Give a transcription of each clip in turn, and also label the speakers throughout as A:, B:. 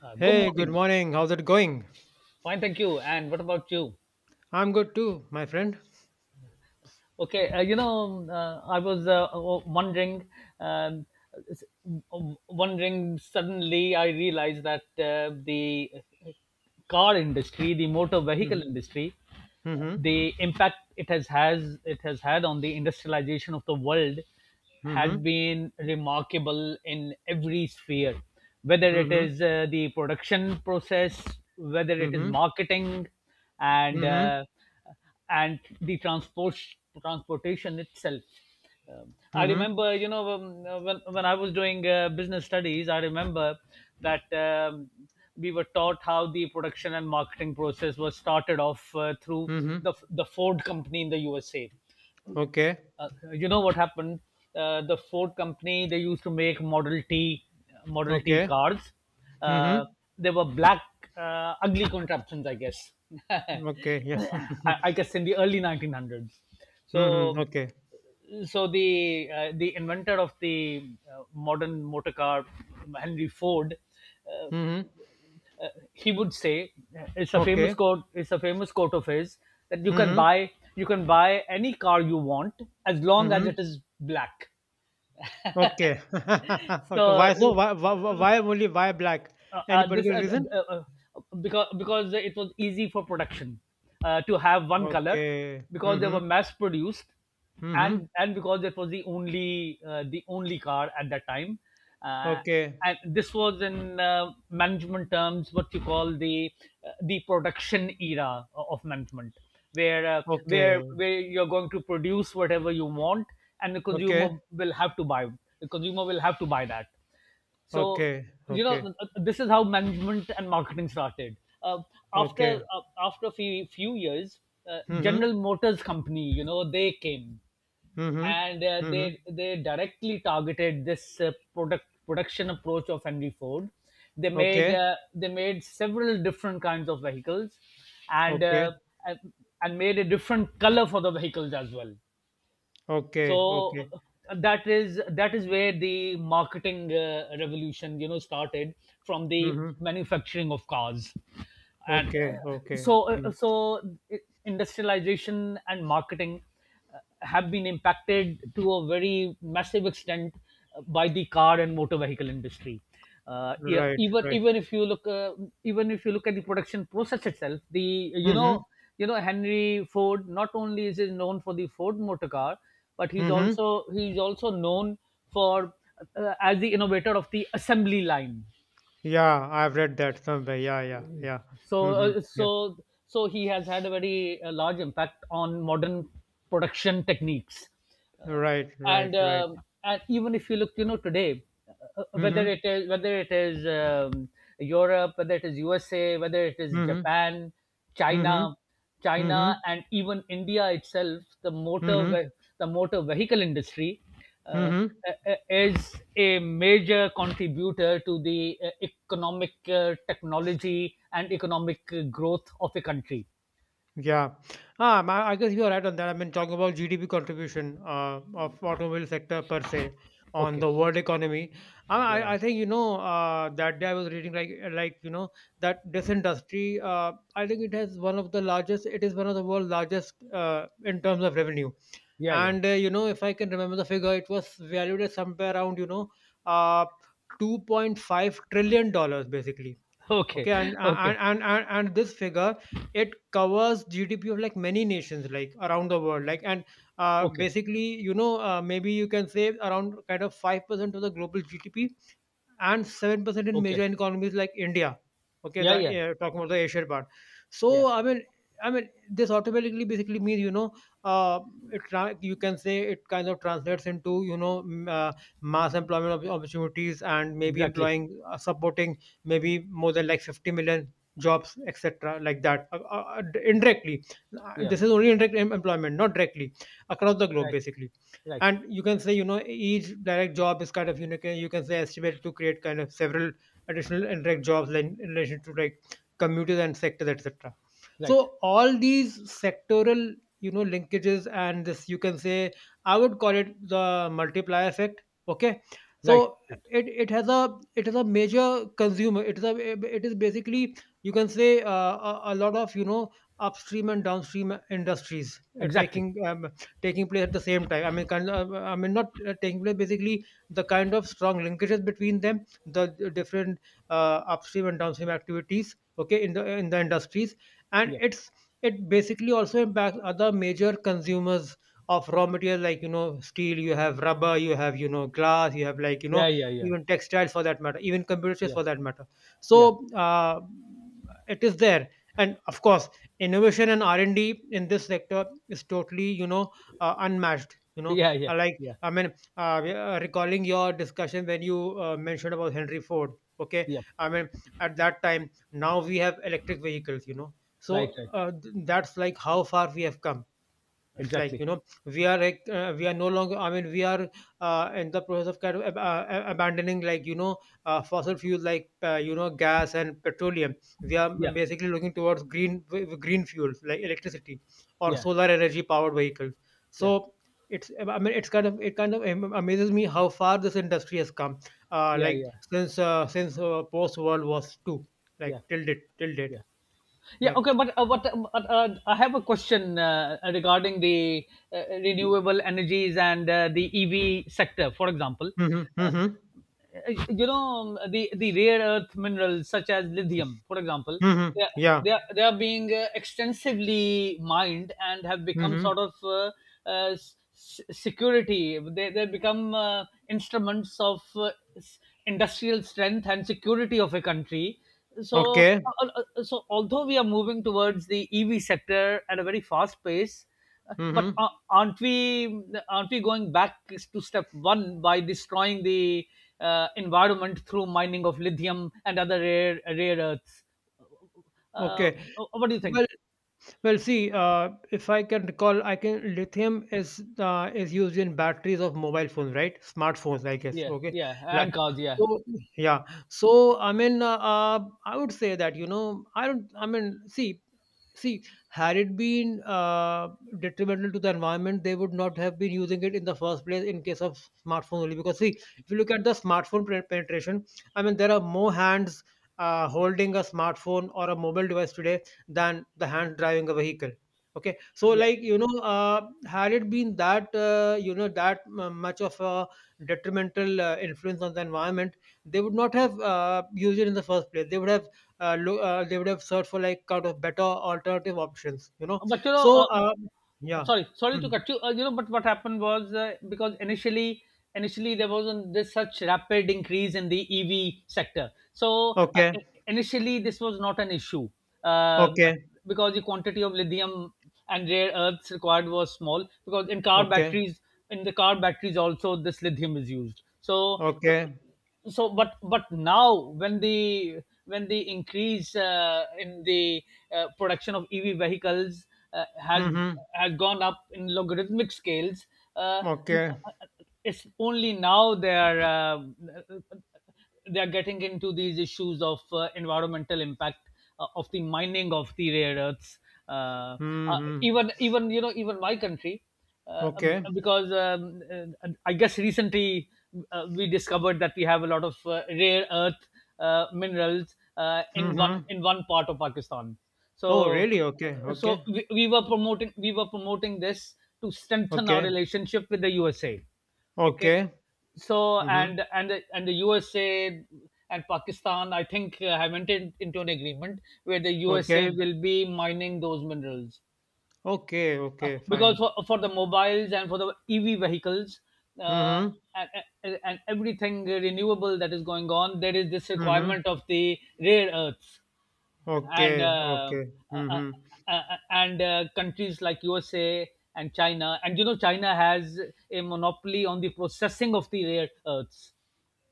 A: Good
B: Hey, good
A: morning.
B: morning. How's it going?
A: Fine, thank you. And what about you?
B: I'm good too, my friend.
A: Okay, I was wondering, um, s- wondering. Suddenly, I realized that the car industry, the motor vehicle
B: Mhm.
A: industry,
B: Mhm.
A: the impact it has it has had on the industrialization of the world had
B: Mhm.
A: been remarkable in every sphere, whether it
B: Mhm.
A: is the production process, whether it is
B: Mhm.
A: marketing, and
B: Mhm.
A: uh, and the transportation itself. I
B: Mhm.
A: remember, when I was doing business studies, I remember that we were taught how the production and marketing process was started off through
B: Mhm.
A: the Ford company in the USA.
B: Okay.
A: Uh, you know what happened? The Ford company, they used to make Model T, Model T
B: Okay.
A: cars. Uh,
B: Mhm.
A: they were black, ugly contraptions, I guess. I,
B: Okay. Yeah.
A: I guess in the early 1900s.
B: Mhm.
A: So,
B: Okay.
A: so, the inventor of the modern motor car, Henry Ford, uh,
B: Mhm.
A: he would say it's a
B: Okay.
A: famous quote. It's a famous quote of his that
B: Mhm.
A: you can buy any car you want as long as it
B: Mhm.
A: is black.
B: Okay. Okay.
A: So
B: Why so? Why? Why only? Why black? Any
A: this
B: particular reason?
A: uh, uh, because it was easy for production, to have one color,
B: Okay.
A: because they were
B: Mhm.
A: mass produced,
B: Mhm.
A: and because it was the only car at that time, uh,
B: Okay.
A: and this was in management terms what you call the production era of management, where uh, where
B: Okay.
A: where you're going to produce whatever you want, and the consumer
B: Okay.
A: will have to buy, the consumer will have to buy that so,
B: Okay.
A: you
B: Okay.
A: know, this is how management and marketing started. Uh, after
B: Okay.
A: After a few, few years,
B: Mhm.
A: General Motors company, you know, they came,
B: Mhm.
A: and uh,
B: Mhm.
A: they they directly targeted this product production approach of Henry Ford. They made
B: Okay.
A: several different kinds of vehicles, and
B: Okay.
A: uh, and and made a different color for the vehicles as well.
B: Okay.
A: So
B: Okay.
A: that is where the marketing revolution, you know, started, from the
B: Mhm.
A: manufacturing of cars, and
B: Okay. Okay.
A: so
B: Mm.
A: so industrialization and marketing have been impacted to a very massive extent, by the car and motor vehicle industry. Uh, yeah,
B: Right.
A: even
B: Right.
A: even if you look, even if you look at the production process itself, the you know
B: Mhm.
A: you know Henry Ford, not only is he known for the Ford motor car, but
B: Mhm.
A: he's also known for, as the innovator of the assembly line.
B: Yeah, I've read that somewhere. Yeah. Yeah. Yeah.
A: so
B: Mhm.
A: uh,
B: Yeah.
A: so so he has had a very large impact on modern production techniques, uh,
B: Right.
A: and
B: Right. Right.
A: um, and even if you look, you know, today,
B: Mhm.
A: whether it is Europe, whether it is USA, whether it is
B: Mhm.
A: Japan,
B: Mhm.
A: china china,
B: Mhm.
A: and even India itself,
B: Mhm.
A: the motor vehicle industry
B: Mhm.
A: uh,
B: Mhm.
A: is a major contributor to the economic, technology and economic growth of a country.
B: Yeah, I guess you're right on that. I mean, talking about GDP contribution of automobile sector per se on
A: Okay.
B: the world economy, I,
A: Yeah.
B: I I think you know that day I was reading like you know that this industry, I think it has one of the largest. It is one of the world's largest in terms of revenue.
A: Yeah. Yeah.
B: And you know, if I can remember the figure, it was valued at somewhere around uh, $2.5 trillion, basically. Okay,
A: Okay.
B: and and,
A: Okay.
B: and and and this figure, it covers GDP of like many nations, like, around the world, like. And
A: Okay.
B: basically, you know, maybe you can say around kind of 5% of the global GDP and 7% in
A: Okay.
B: major economies like India. Okay,
A: Yeah.
B: the
A: Yeah.
B: talking about the Asian part.
A: Yeah.
B: So I mean, this automatically basically means, you know, uh, you can say it kind of translates into, you know, mass employment opportunities, and maybe
A: Exactly.
B: employing supporting maybe more than like 50 million jobs, etc., like that, indirectly.
A: Yeah.
B: This is only indirect employment, not directly, across the globe,
A: Right.
B: basically.
A: Right.
B: And you can say, you know, each direct job is kind of unique. You can say estimated to create kind of several additional indirect jobs in relation to, like, commuters and sectors, etc.
A: Right.
B: So all these sectoral, you know, linkages, and this, you can say, I would call it the multiplier effect. Okay,
A: Right.
B: so
A: Right.
B: it is a major consumer. It is basically, you can say, a lot of, you know, upstream and downstream industries
A: Exactly.
B: taking taking place at the same time. I mean, kind of, I mean, not taking place. Basically, the kind of strong linkages between them, the different upstream and downstream activities. Okay, in the industries, and
A: Yeah.
B: it basically also impacts other major consumers of raw material, like, you know, steel, you have rubber, you have, you know, glass, you have, like, you know,
A: Yeah. Yeah. Yeah.
B: even textiles, for that matter, even computer chips,
A: Yeah.
B: for that matter.
A: Yeah.
B: So it is there. And of course, innovation and R&D in this sector is totally, you know, unmatched, you know.
A: Yeah. Yeah.
B: Like,
A: Yeah.
B: I mean, recalling your discussion when you mentioned about Henry Ford. Okay,
A: Yep.
B: I mean, at that time. Now we have electric vehicles, you know. So
A: Right. Right.
B: that's like how far we have come. It's like,
A: Exactly.
B: you know, we are no longer. I mean, we are in the process of kind of abandoning, like, you know, fossil fuels, like, you know, gas and petroleum. We are
A: Yeah.
B: basically looking towards green fuels like electricity or
A: Yeah.
B: solar energy powered vehicles.
A: Yeah.
B: So it's I mean it's kind of it kind of am- amazes me how far this industry has come.
A: Yeah.
B: Like,
A: Yeah.
B: since post World War II,
A: Yeah.
B: like till date. Till date.
A: Yeah. Yeah.
B: Yep.
A: Okay. But what? But I have a question regarding the renewable energies and the EV sector, for example.
B: Mm-hmm.
A: Uh,
B: Mm-hmm.
A: you know, the rare earth minerals such as lithium, for example,
B: Mm-hmm.
A: they are,
B: Yeah.
A: they are being extensively mined and have become
B: Mm-hmm.
A: sort of s- s- security they become instruments of s- industrial strength and security of a country. so
B: Okay.
A: uh, uh, so although we are moving towards the EV sector at a very fast pace, but
B: Mhm.
A: aren't we going back to step one by destroying the environment through mining of lithium and other rare earths? Uh,
B: Okay.
A: what do you think?
B: Well, well. See, if I can recall, I can lithium is is used in batteries of mobile phones, right? Smartphones, I guess.
A: Yeah,
B: Okay.
A: yeah,
B: Like,
A: and cars. Yeah,
B: so, yeah. So, I mean, I would say that, you know, I don't. I mean, See, had it been detrimental to the environment, they would not have been using it in the first place in case of smartphone only. Because, see, if you look at the smartphone penetration, I mean, there are more hands holding a smartphone or a mobile device today than the hands driving a vehicle. Okay, so
A: yeah.
B: like, you know, had it been that, you know, that much of a detrimental influence on the environment, they would not have used it in the first place. They would have searched for, like, kind of better alternative options, you know.
A: But you know,
B: So yeah.
A: sorry, sorry
B: Hmm.
A: to cut you. You know, but what happened was because initially, there wasn't this such rapid increase in the EV sector. So
B: Okay,
A: initially, this was not an issue. Um
B: okay,
A: because the quantity of lithium and rare earths required was small. Because in car
B: okay,
A: batteries, in the car batteries also, this lithium is used. So uh,
B: okay.
A: so but now, when the when the increase in the production of EV vehicles uh, has
B: Mm-hmm.
A: has gone up in logarithmic scales, uh,
B: Okay.
A: it's only now they are getting into these issues of environmental impact of the mining of the rare earths. Uh, uh,
B: Mm-hmm.
A: even even you know, even my country,
B: Okay.
A: because I guess recently, we discovered that we have a lot of rare earth minerals in
B: Mm-hmm.
A: one part of Pakistan.
B: Oh,
A: So
B: really? Okay, okay.
A: we were promoting, we were promoting this to strengthen our
B: Okay,
A: relationship with the USA. Okay,
B: okay.
A: so
B: Mm-hmm.
A: and and the, and the USA and Pakistan, I think, have entered into an agreement where the USA
B: Okay,
A: will be mining those minerals,
B: okay, okay,
A: because
B: fine.
A: for the mobiles and for the EV vehicles, uh,
B: Mm-hmm.
A: and, and everything renewable that is going on, there is this
B: Mm-hmm.
A: requirement of the rare earths. and
B: Okay,
A: uh,
B: okay.
A: uh, uh,
B: Mm-hmm.
A: uh, uh, and uh, countries like USA and China, and you know, China has a monopoly on the processing of the rare earths.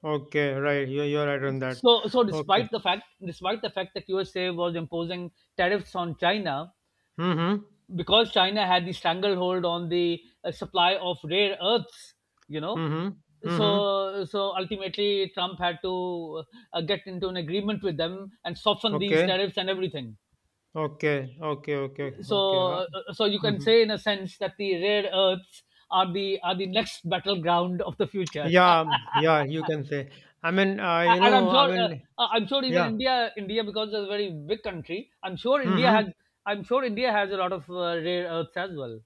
B: Okay, right. You're right on that.
A: So
B: Okay.
A: despite the fact that USA was imposing tariffs on China,
B: Mm-hmm.
A: because China had the stranglehold on the supply of rare earths, you know,
B: Mm-hmm. Mm-hmm.
A: so ultimately Trump had to get into an agreement with them and soften these
B: Okay.
A: tariffs and everything.
B: Okay, okay, okay, okay.
A: So, so you can
B: Mhm.
A: say in a sense that the rare earths are the next battleground of the future.
B: Yeah, yeah, you can say. I mean,
A: A-
B: you
A: and I'm
B: know, I
A: sure,
B: mean,
A: I'm sure, even
B: yeah.
A: India, India, because it's a very big country.
B: Mm-hmm.
A: I'm sure India has a lot of rare earths as well.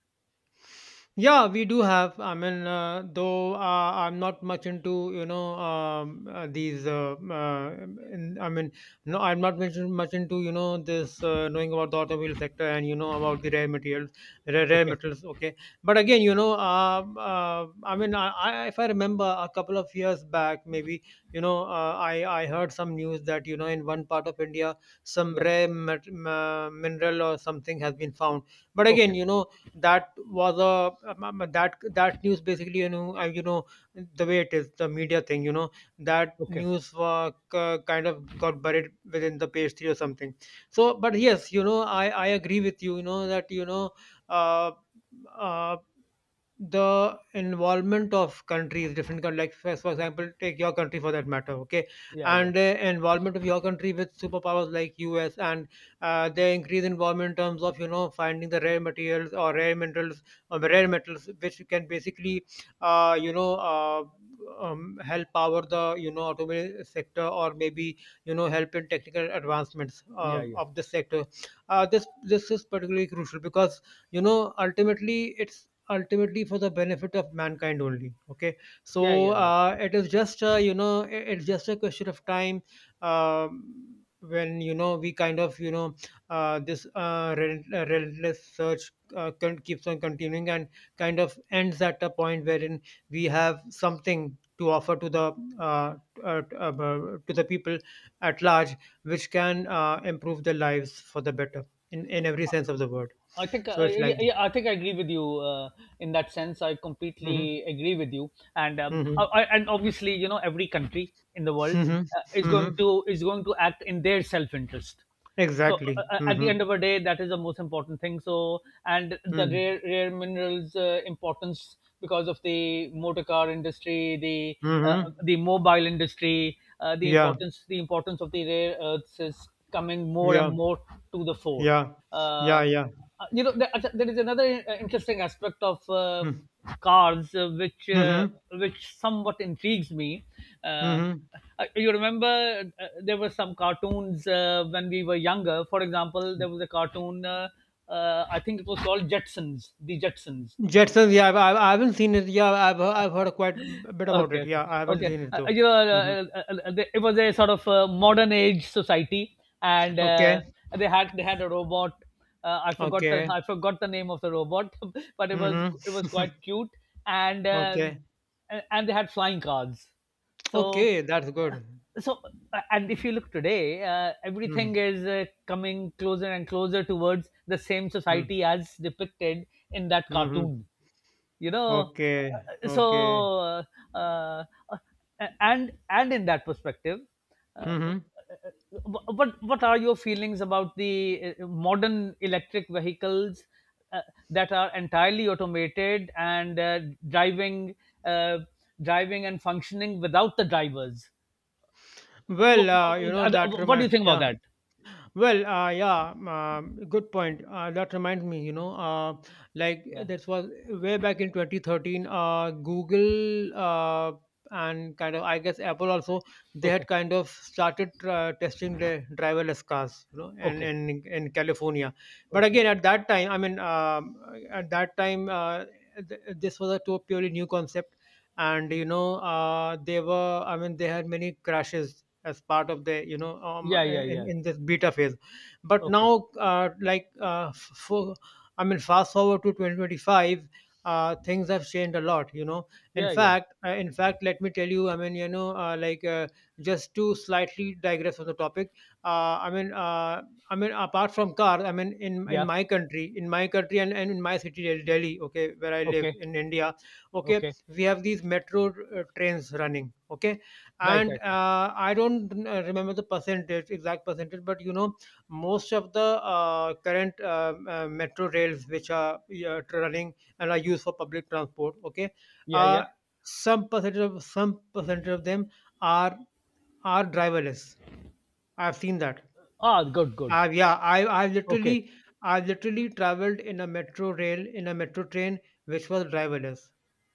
B: Yeah, we do have. I mean, though, I'm not much into, you know, these. In, I mean, no, I'm not much into, you know, this, knowing about the automobile sector and, you know, about the rare materials, rare
A: Okay,
B: metals. Okay, but again, you know, I mean, if I remember a couple of years back, maybe, you know, I heard some news that, you know, in one part of India some
A: yeah,
B: mineral or something has been found. But again,
A: okay,
B: you know, that was a that news basically, you know, you know, the way it is, the media thing, you know, that
A: okay,
B: news was kind of got buried within the page three or something. So, but yes, you know, I agree with you, you know, that, you know, uh, uh, the involvement of countries, different countries, like, for example, take your country for that matter, okay,
A: yeah, yeah,
B: and involvement of your country with superpowers like US, and their increased involvement in terms of, you know, finding the rare materials or rare minerals or rare metals, which can basically you know, help power the, you know, automobile sector, or maybe, you know, help in technical advancements
A: yeah, yeah,
B: of this sector. This is particularly crucial because, you know, ultimately, it's ultimately for the benefit of mankind only. Okay,
A: yeah,
B: so
A: yeah, yeah.
B: it is just, you know, it's just a question of time. um, when, you know, we kind of, you know, this relentless search keeps on continuing, and kind of ends at a point wherein we have something to offer to the, uh, uh, uh, to the people at large, which can improve their lives for the better, in every sense of the word.
A: I think
B: So it's
A: yeah,
B: like.
A: yeah, I think I agree with you in that sense. I
B: Hmm.
A: completely agree with you, and I, and obviously, you know, every country in the world
B: Mhm, mhm,
A: is going to act in their self interest. So
B: exactly.
A: at the end
B: Mhm,
A: of the day, that is the most important thing. So, and the
B: mhm,
A: rare minerals, importance because of the motor car industry,
B: mhm.
A: the mobile industry,
B: Yeah,
A: the importance of the rare earths is coming more
B: yeah,
A: and more to the fore.
B: yeah, yeah,
A: Uh,
B: yeah.
A: you know, there, there is another interesting aspect of
B: Mm.
A: cars,
B: Mhm,
A: which somewhat intrigues me. Uh,
B: mhm.
A: you remember, there were some cartoons when we were younger. For example, there was a cartoon. I think it was called Jetsons, the Jetsons,
B: Jetsons, yeah, I haven't seen it. Yeah, I've heard quite a bit about
A: okay,
B: it.
A: okay,
B: Yeah, I haven't
A: okay.
B: seen it though. Hmm.
A: It was a sort of modern age society, and
B: Okay,
A: they had a robot.
B: okay.
A: I forgot the name of the robot, but
B: Hmm.
A: it was quite cute, and uh,
B: Okay,
A: and they had flying cars. so
B: okay, that's
A: uh,
B: good.
A: so uh, and if you look today,
B: Mm-hmm.
A: everything is coming closer and closer towards the same society
B: Mm-hmm.
A: as depicted in that cartoon,
B: Mm-hmm.
A: you know.
B: Okay,
A: uh, so
B: okay.
A: uh, uh, a- and and in that perspective, uh,
B: Hmm.
A: but what are your feelings about the modern electric vehicles uh, that are entirely automated, and driving uh, driving and functioning without the drivers? what,
B: Well, you know, that
A: what do you
B: reminds,
A: think about
B: yeah.
A: that?
B: Well, yeah, good point. That reminds me, you know, like
A: Yeah,
B: this was way back in 2013. Google, and kind of, I guess, Apple also, they had
A: okay,
B: kind of started testing the driverless cars, you know, and
A: okay,
B: in California. But
A: okay,
B: again, at that time, I mean, at that time, this was a purely new concept, and you know, I mean, they had many crashes as part of the, you know,
A: yeah, yeah,
B: in,
A: yeah,
B: in this beta phase. But
A: okay,
B: now, like, for I mean, fast forward to 2025, things have changed a lot, you know. in
A: yeah, yeah,
B: fact uh, in fact let me tell you, I mean, you know, like, just to slightly digress from the topic. Uh, i mean uh, i mean apart from cars, I mean, in
A: yeah,
B: my country, and in my city Delhi, okay, where I live
A: okay,
B: in India. Okay,
A: okay,
B: we have these metro trains running. Okay,
A: right,
B: and
A: right, right.
B: I don't remember the percentage exact percentage, but you know, most of the current metro rails which are running and are used for public transport, okay,
A: Yeah, yeah.
B: uh, some percentage of them are are driverless. I've seen that.
A: Ah, good, good.
B: Yeah,
A: Okay,
B: I literally traveled in a metro train which was driverless,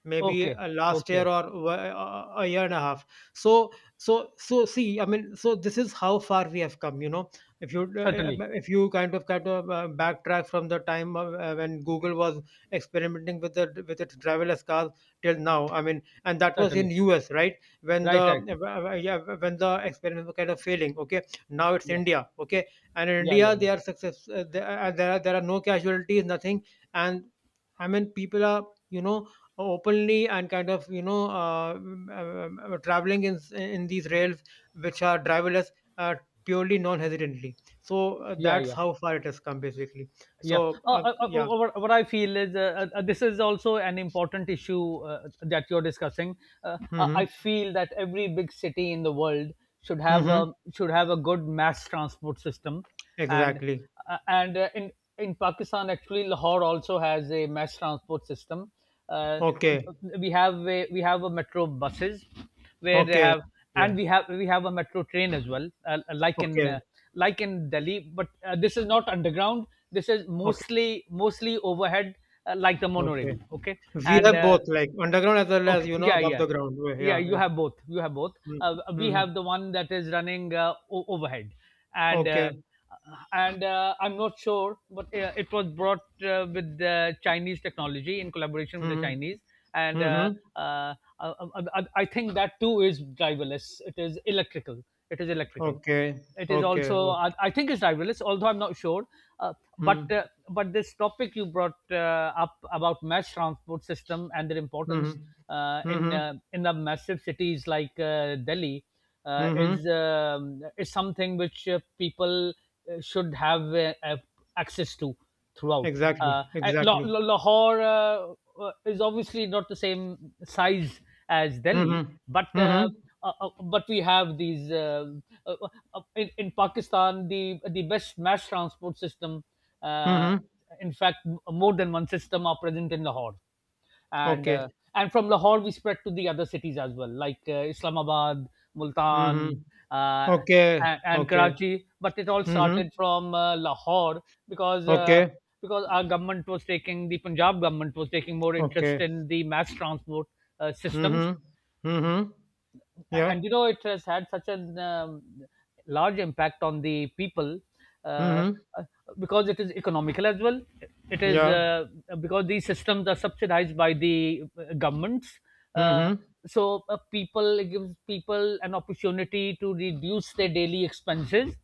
B: maybe
A: okay,
B: last year,
A: okay.
B: or a year and a half. So so see, I mean, so this is how far we have come. You know, if you uh,
A: Certainly,
B: if you kind of backtrack from the time of, when Google was experimenting with the with its driverless cars till now, I mean, and that was in
A: certainly.
B: US, right? When the
A: Right, right.
B: yeah, when the experiment was kind of failing. Okay, now it's
A: Yeah,
B: India. Okay, and in
A: yeah,
B: India
A: yeah,
B: they are success there are no casualties, nothing. And I mean people are, you know openly and kind of traveling in these rails which are driverless, uh, purely non-hesitantly. So
A: yeah, yeah,
B: that's how
A: yeah.
B: far it has come basically.
A: Yeah.
B: So uh, yeah.
A: What I feel is, this is also an important issue that you're discussing. I
B: Mm-hmm.
A: feel that every big city in the world
B: Mm-hmm.
A: should have a good mass transport system, and
B: Exactly.
A: and in Pakistan, actually, Lahore also has a mass transport system. uh,
B: Okay.
A: we have a metro buses where they
B: Okay.
A: have, and
B: Yeah.
A: we have a metro train as well,
B: Okay.
A: like in Delhi, but this is not underground. This is
B: Okay.
A: mostly overhead, like the
B: Okay,
A: monorail. Okay.
B: we
A: and
B: have
A: uh,
B: both, like underground as well as,
A: okay.
B: you know,
A: Yeah,
B: above
A: yeah.
B: the ground.
A: Yeah,
B: Yeah,
A: you
B: yeah.
A: have both. You have both. We
B: Mm-hmm.
A: have the one that is running overhead, and uh,
B: Okay.
A: and I'm not sure, but it was brought with the Chinese technology in collaboration with the
B: Mhm.
A: Chinese, and
B: Mhm.
A: uh, I think that too is driverless. It is electrical. It is electrical.
B: Okay.
A: It is
B: Okay. Okay.
A: also
B: Oh.
A: I think it's driverless, although I'm not sure. uh, but
B: Mhm.
A: uh, but this topic you brought up about mass transport system and their importance
B: Mhm.
A: uh, in
B: Mhm.
A: uh, in the massive cities like Delhi
B: Mhm.
A: is something which people should have access to throughout.
B: Exactly. Exactly.
A: Lahore is obviously not the same size as Delhi,
B: Mhm.
A: but uh,
B: Mhm.
A: uh, uh, but we have these uh, uh, in Pakistan the best mass transport system. Uh,
B: Mhm.
A: in fact, more than one system are present in Lahore, and uh,
B: Okay.
A: and from Lahore we spread to the other cities as well, like Islamabad,
B: Mhm.
A: Multan, uh,
B: Okay.
A: and
B: Okay.
A: Karachi. But it all
B: Mhm.
A: started from Lahore, because uh,
B: Okay.
A: because our government was taking, the Punjab government was taking more interest
B: Okay.
A: in the mass transport systems,
B: Mhm. Mhm. Yeah.
A: and you know it has had such an large impact on the people, uh,
B: Mhm.
A: uh, because it is economical as well. it is
B: Yeah.
A: uh, because these systems are subsidized by the governments, uh,
B: Mhm.
A: so people, it gives people an opportunity to reduce their daily expenses,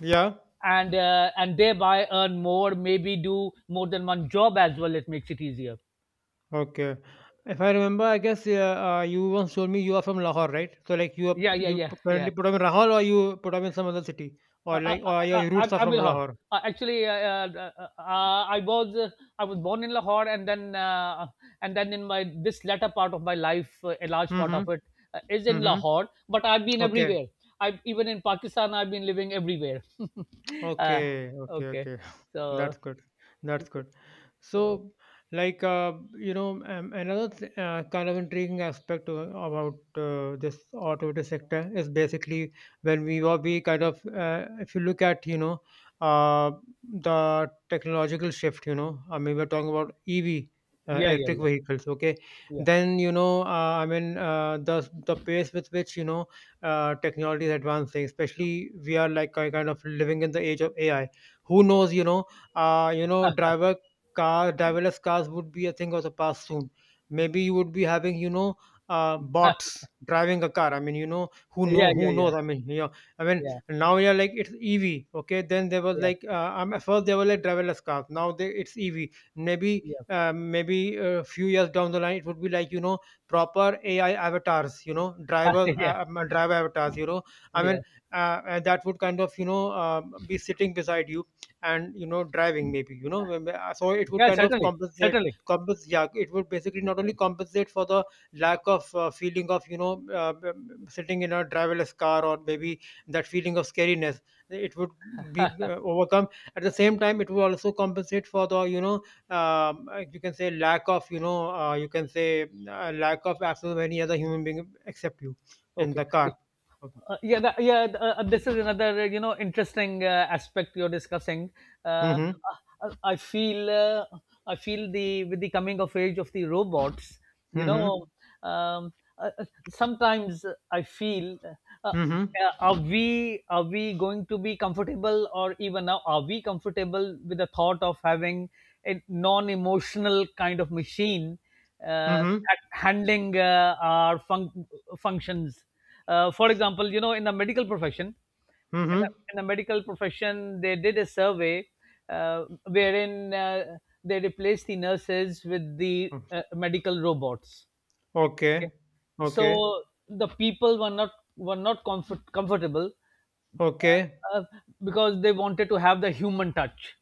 B: Yeah.
A: and thereby earn more, maybe do more than one job as well. It makes it easier.
B: Okay. If I remember, I guess, yeah, you once told me you are from Lahore, right? So like, you are,
A: Yeah, yeah, yeah,
B: currently
A: yeah.
B: put up in Rahul, or you put up in some other city, or
A: Uh, I,
B: like, or
A: I, I,
B: your roots are
A: I- am
B: from
A: in Lahore.
B: Lahore.
A: Actually, I was born in Lahore, and then in my this latter part of my life, a large part
B: Mm-hmm.
A: of it is in
B: Mm-hmm.
A: Lahore. But I've been
B: Okay.
A: everywhere. I've even in Pakistan. I've been living everywhere. uh,
B: Okay, okay,
A: okay,
B: okay.
A: so
B: That's good. That's good.
A: so
B: So, like, you know, another kind of intriguing aspect about this automotive sector is basically, when we kind of, if you look at, you know, uh, the technological shift, you know, I mean, we're talking about EV.
A: yeah, yeah,
B: Electric
A: yeah,
B: vehicles, okay?
A: yeah,
B: Then you know, I mean, the pace with which, you know, technology is advancing, especially we are like, kind of living in the age of AI. Who knows, you know, you know, driverless cars would be a thing of the past soon. Maybe you would be having, you know, bots driving a car. I mean, you know,
A: yeah, yeah, yeah,
B: who
A: yeah,
B: knows? I mean, yeah. I mean,
A: yeah,
B: now you're like it's EV, okay? Then there was
A: yeah,
B: like, at first there were like driverless cars, now they, it's EV. Maybe
A: yeah.
B: maybe a few years down the line it would be like, you know, proper AI avatars, you know, drivers,
A: Yeah,
B: driver avatars, you know, I mean,
A: yeah,
B: and that would kind of, you know, be sitting beside you and, you know, driving maybe, you know, so it would
A: yeah,
B: kind of
A: certainly,
B: compensate,
A: certainly.
B: compensate, yeah, it would basically not only compensate for the lack of feeling of, you know, sitting in a driverless car, or maybe that feeling of scariness, it would be overcome. At the same time, it would also compensate for the, you know, you can say lack of, you know, you can say, lack of, absence of any other human being except you in
A: Okay.
B: the car.
A: Like, yeah, this is another you know interesting aspect you're discussing. Uh,
B: Mm-hmm.
A: I feel I feel the with the coming of age of the robots. You
B: Mm-hmm.
A: know, um, uh, uh, sometimes I feel uh,
B: Mm-hmm.
A: are we going to be comfortable, or even now are we comfortable with the thought of having a non-emotional kind of machine uh,
B: Mm-hmm.
A: handling our functions. For example, you know, in the medical profession,
B: Mm-hmm.
A: in the medical profession, they did a survey wherein they replaced the nurses with the
B: Mm-hmm.
A: medical robots.
B: Okay.
A: Okay.
B: Okay.
A: So the people were not, were not comfortable,
B: Okay.
A: uh, uh, because they wanted to have the human touch.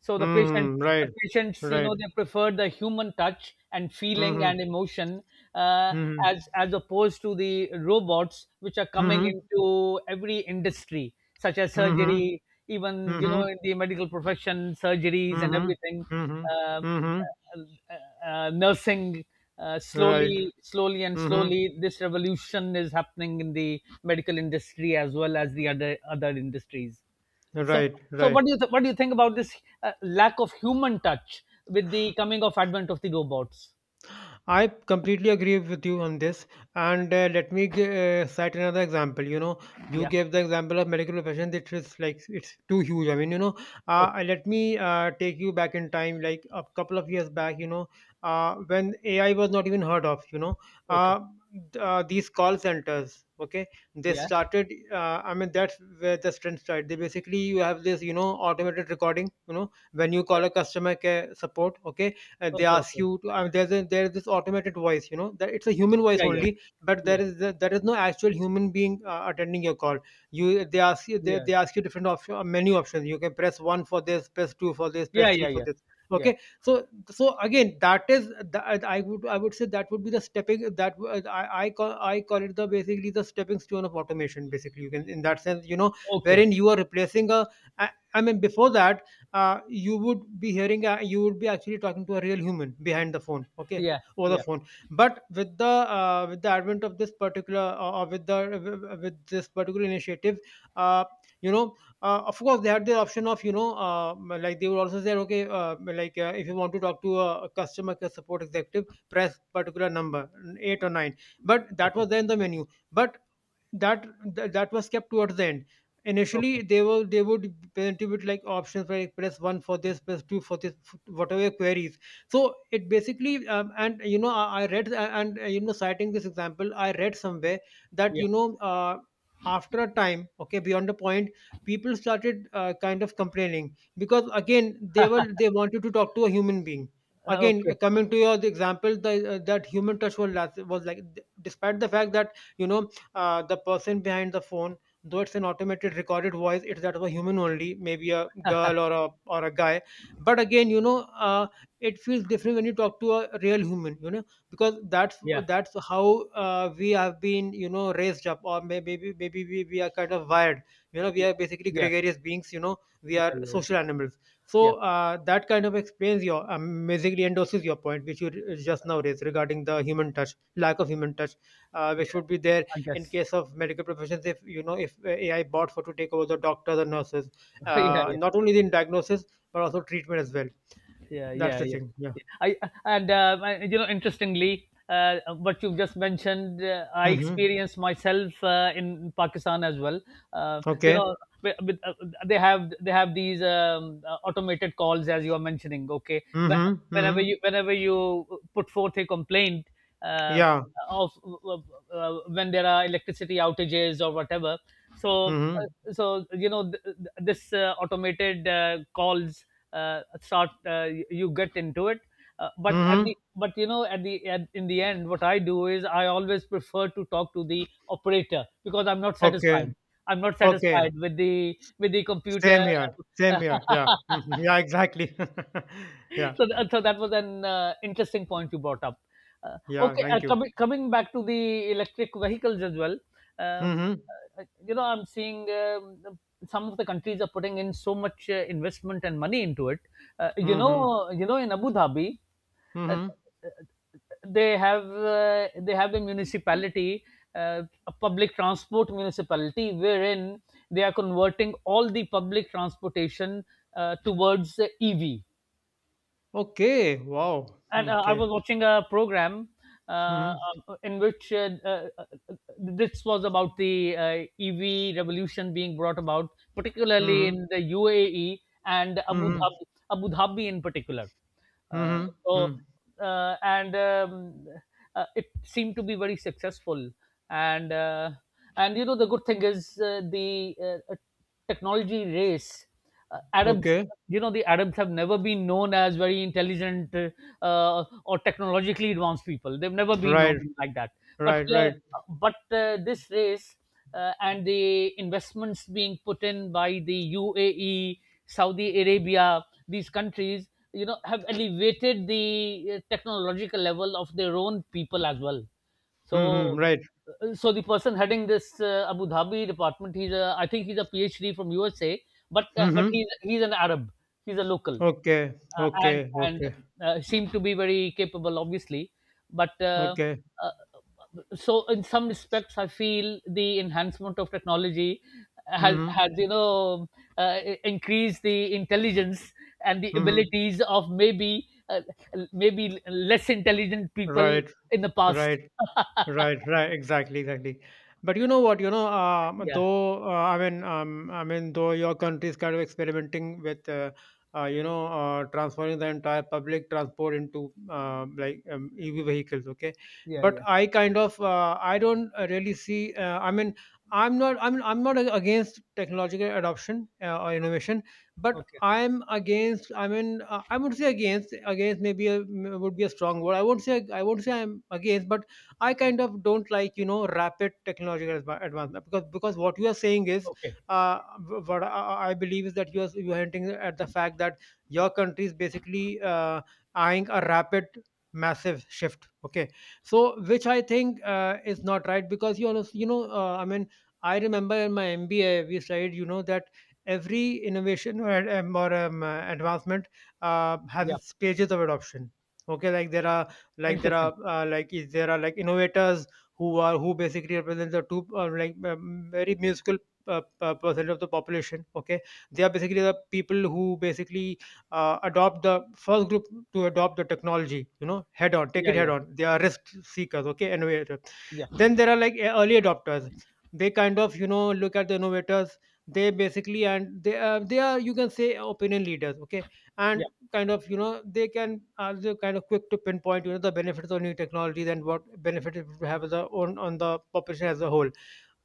A: So the patient,
B: Mm-hmm.
A: the
B: Right.
A: patients, you
B: Right.
A: know, they preferred the human touch and feeling and
B: Mm-hmm.
A: emotion, uh,
B: Mm-hmm.
A: as opposed to the robots, which are coming
B: Mm-hmm.
A: into every industry, such as
B: Mm-hmm.
A: surgery, even you
B: Mm-hmm.
A: know in the medical profession, surgeries and
B: Mm-hmm.
A: everything.
B: Mm-hmm.
A: Uh,
B: Mm-hmm.
A: Nursing,
B: Right.
A: slowly, slowly and
B: Mm-hmm.
A: slowly, this revolution is happening in the medical industry as well as the other other industries. So,
B: Right.
A: so
B: Right.
A: what do you what do you think about this lack of human touch with the coming of advent of the robots?
B: I completely agree with you on this, and let me cite another example. You know, you
A: Yeah.
B: gave the example of medical profession, which is like it's too huge. I mean, you know,
A: Okay.
B: let me take you back in time, like a couple of years back. You know, when AI was not even heard of. You know,
A: Okay.
B: uh, these call centers. Okay, they
A: Yeah.
B: started. I mean, that's where the strength started. They basically, you have this, you know, automated recording. You know, when you
A: Okay.
B: call a customer care support. Okay. And they
A: Okay.
B: ask
A: Okay.
B: you to, I mean, there's a, there is this automated voice, you know, that it's a human voice
A: Yeah.
B: only, but there
A: Yeah.
B: is there is no actual human being attending your call. You,
A: Yeah.
B: they ask you different option, menu options. You can press one for this, press two for this,
A: Yeah.
B: press three
A: Yeah. Yeah.
B: for
A: Yeah.
B: this.
A: Yeah.
B: Okay, so so again, that is that I would, I would say that would be the stepping, that w- I call, it the basically the stepping stone of automation basically, you can, in that sense, you know,
A: Okay.
B: wherein you are replacing a, I mean before that you would be hearing, you would be actually talking to a real human behind the phone. Okay,
A: Yeah.
B: over the
A: Yeah.
B: phone. But with the, with the advent of this particular, or with the, with this particular initiative, uh, you know, of course they had the option of, you know, like they would also say okay, like, if you want to talk to a customer care support executive, press particular number 8 or 9. But that
A: Okay.
B: was there in the menu, but that, that was kept towards the end. Initially
A: Okay.
B: they were, they would present you with like options, like press one for this, press two for this, whatever queries. So it basically, and you know, I read, and, you know, citing this example I read somewhere that,
A: Yeah.
B: you know, after a time, okay, beyond a point, people started, kind of complaining because again they were, they wanted to talk to a human being. Again,
A: Okay.
B: coming to your example, the, that human touch was last, was like despite the fact that, you know, the person behind the phone, though it's an automated recorded voice, it's that of a human only, maybe a girl or a, or a guy. But again, you know, it feels different when you talk to a real human, you know. Because that's
A: Yeah.
B: that's how, we have been, you know, raised up, or maybe we are kind of wired, you know, we
A: Yeah.
B: are basically
A: Yeah.
B: gregarious beings, you know, we
A: Yeah.
B: are
A: Yeah.
B: social animals. So
A: Yeah.
B: that kind of explains your, basically endorses your point which you, just now raised regarding the human touch, lack of human touch, which
A: Yeah,
B: would be there
A: I
B: in
A: guess.
B: case of medical professions, if, you know, if AI bots were to take over the doctors and nurses,
A: Yeah, yeah.
B: not only in diagnosis but also treatment as well.
A: Yeah,
B: That's
A: yeah,
B: the
A: yeah,
B: thing, yeah.
A: yeah. I and I- you know interestingly what you've just mentioned, I
B: Mm-hmm.
A: experienced myself in Pakistan as well. You
B: Okay.
A: know, with, with, uh, they have, they have these automated calls, as you are mentioning. Okay.
B: Mm-hmm.
A: Whenever
B: Mm-hmm.
A: you, whenever you put forth a complaint uh,
B: Yeah.
A: of when there are electricity outages or whatever. So
B: Mm-hmm.
A: so you know this automated calls, sort, you get into it, uh, but at
B: Mm-hmm.
A: the but you know at the at, in the end what I do is I always prefer to talk to the operator because I'm not
B: Okay.
A: satisfied. I'm not
B: Okay.
A: satisfied with the
B: Same
A: computer.
B: here. Same here, yeah. Mhm. Yeah, exactly. Yeah.
A: So, so that was an interesting point you brought up. Uh,
B: Yeah,
A: okay, uh,
B: thank you.
A: coming coming back to the electric vehicles as well. Uh,
B: Mm-hmm.
A: you know, I'm seeing some of the countries are putting in so much investment and money into it. Uh, you
B: Mm-hmm.
A: know, you know, in Abu Dhabi, uh,
B: Mm-hmm.
A: they have a municipality, uh, a public transport municipality, wherein they are converting all the public transportation towards EV,
B: Okay. Wow. Hmm.
A: and I
B: Okay.
A: was watching a program uh,
B: Mm-hmm.
A: uh, in which this was about the EV revolution being brought about, particularly
B: Mm-hmm.
A: in the UAE and Abu
B: Mm-hmm.
A: Dhabi, Abu Dhabi in particular. Uh,
B: Mm-hmm.
A: so
B: Mm.
A: and it seemed to be very successful. And uh, and you know the good thing is the technology race. Arabs,
B: Okay.
A: you know, the Arabs have never been known as very intelligent or technologically advanced people. They've never been
B: Right.
A: known like that. But
B: Right.
A: uh,
B: Right.
A: but this race and the investments being put in by the UAE, Saudi Arabia, these countries, you know, have elevated the technological level of their own people as well.
B: Mhm.
A: So
B: Right.
A: so the person heading this Abu Dhabi department, he's a, I think he's a PhD from USA, but
B: Mhm.
A: he's an Arab, he's a local.
B: Okay.
A: uh, and
B: Okay.
A: and
B: Okay.
A: uh, seemed to be very capable obviously, but
B: Okay.
A: uh, so in some respects I feel the enhancement of technology has
B: Mhm.
A: has you know, increased the intelligence and the
B: Mhm.
A: abilities of maybe maybe less intelligent people
B: Right.
A: in the past.
B: Right. Right, right, exactly, exactly. But you know what, you know,
A: Yeah,
B: though, though your country is kind of experimenting with, you know, transforming the entire public transport into, like, EV vehicles, okay?
A: yeah,
B: But
A: yeah.
B: I kind of, I don't, really see. I mean, I'm not against technological adoption, or innovation, but
A: Okay,
B: I'm against. I mean, I would say against, against maybe a, would be a strong word. I won't say I'm against, but I kind of don't like, you know, rapid technological advancement. Because what you are saying is,
A: okay.
B: what I believe is that you are hinting at the fact that your country is basically eyeing a rapid, massive shift, okay? So which I think, is not right because, you know, I mean, I remember in my MBA we studied, you know, that every innovation, or advancement,
A: Yeah,
B: has stages of adoption. Okay, like there are, like there
A: interesting.
B: are like is there are like innovators, who are, who basically represent the two, like, very musical, percent of the population, okay. They are basically the people who basically, adopt, the first group to adopt the technology, you know, head on, take
A: Yeah,
B: it head
A: yeah,
B: on, they are
A: yeah,
B: risk seekers, okay, innovator.
A: yeah,
B: Then there are like early adopters. They kind of, you know, look at the innovators, they basically, and they, they are, you can say, opinion leaders, okay.
A: yeah,
B: And kind of, you know, they can are they kind of quick to pinpoint, you know, the benefits of new technologies and what benefit it would have as a, on the population as a whole.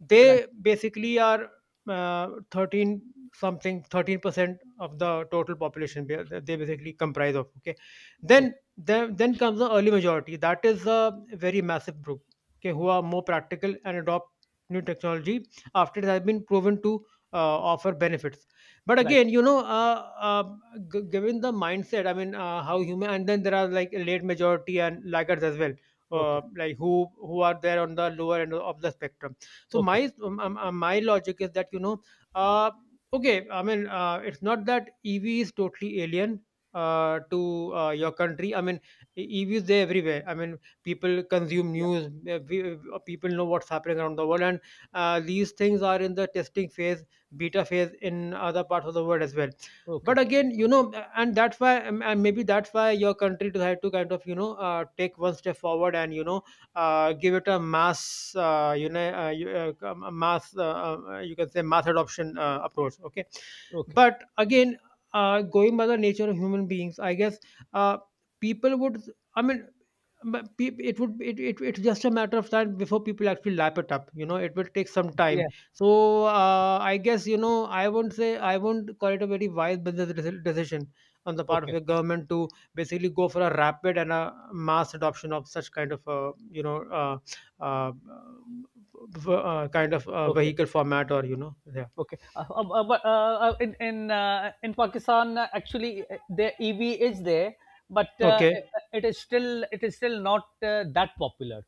B: They
A: right.
B: basically are, 13, something 13% of the total population they basically comprise of, okay. then
A: Okay,
B: then then comes the early majority, that is a very massive group, okay, who are more practical and adopt new technology after it has been proven to offer benefits. But
A: right.
B: again, you know, given the mindset, I mean, how human. And then there are like late majority and laggards as well,
A: Okay,
B: like who are there on the lower end of the spectrum. So
A: okay.
B: my, my logic is that, you know, uh, okay, I mean, it's not that EV is totally alien, to, your country, I mean EV is there everywhere, I mean people consume
A: Yeah.
B: news, people know what's happening around the world, and these things are in the testing phase, beta phase in other parts of the world as well.
A: Okay,
B: But again, you know, and that's why, and maybe that's why your country decided to kind of, you know, take one step forward and, you know, give it a mass, you know, a mass, you can say, mass adoption, approach, okay.
A: okay.
B: But again, going by the nature of human beings, I guess, uh, people would, I mean, but it would, it's just a matter of time before people actually lap it up, you know, it will take some time.
A: Yeah.
B: So I guess, you know, I won't call it a very wise business decision on the part of
A: Okay,
B: your government to basically go for a rapid and a mass adoption of such kind of, you know, uh, kind of,
A: okay.
B: vehicle format, or you know, yeah.
A: Okay, but in Pakistan, actually, the EV is there, but
B: Okay.
A: it is still, it is still not that popular.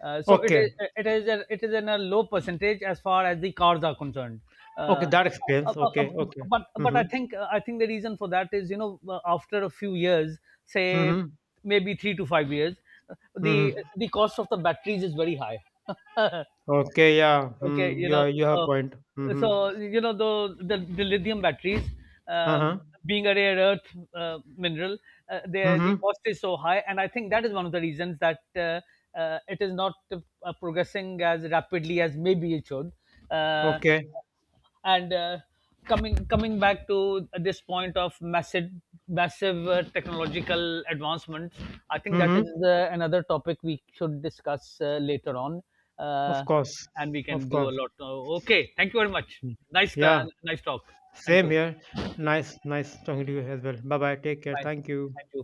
A: Uh, so it
B: Okay.
A: is it is a, it is in a low percentage as far as the cars are concerned.
B: Okay,
A: Uh,
B: that
A: uh,
B: explains.
A: uh, uh,
B: Okay, okay.
A: but but
B: Mm-hmm.
A: I think the reason for that is, you know, after a few years, say
B: Mm-hmm.
A: maybe 3 to 5 years,
B: Mm-hmm.
A: the cost of the batteries is very high.
B: Okay, yeah. Mm,
A: Okay, you
B: you
A: know,
B: are, you have a
A: so
B: point. Mm-hmm.
A: so you know the lithium batteries, um,
B: Uh-huh.
A: being a rare earth mineral, the
B: Mm-hmm.
A: cost is so high, and I think that is one of the reasons that it is not progressing as rapidly as maybe it should. Uh,
B: Okay.
A: and coming coming back to this point of massive, massive technological advancements, I think that
B: Mm-hmm.
A: is another topic we should discuss later on,
B: Of
A: uh,
B: course.
A: and we
B: Of
A: can do a
B: course.
A: lot. Okay, thank you very much. Nice
B: Yeah.
A: nice talk. Thank
B: Same
A: you.
B: here. Nice. Nice talking to you as well. Bye bye, take care,
A: Bye,
B: thank you.
A: thank you.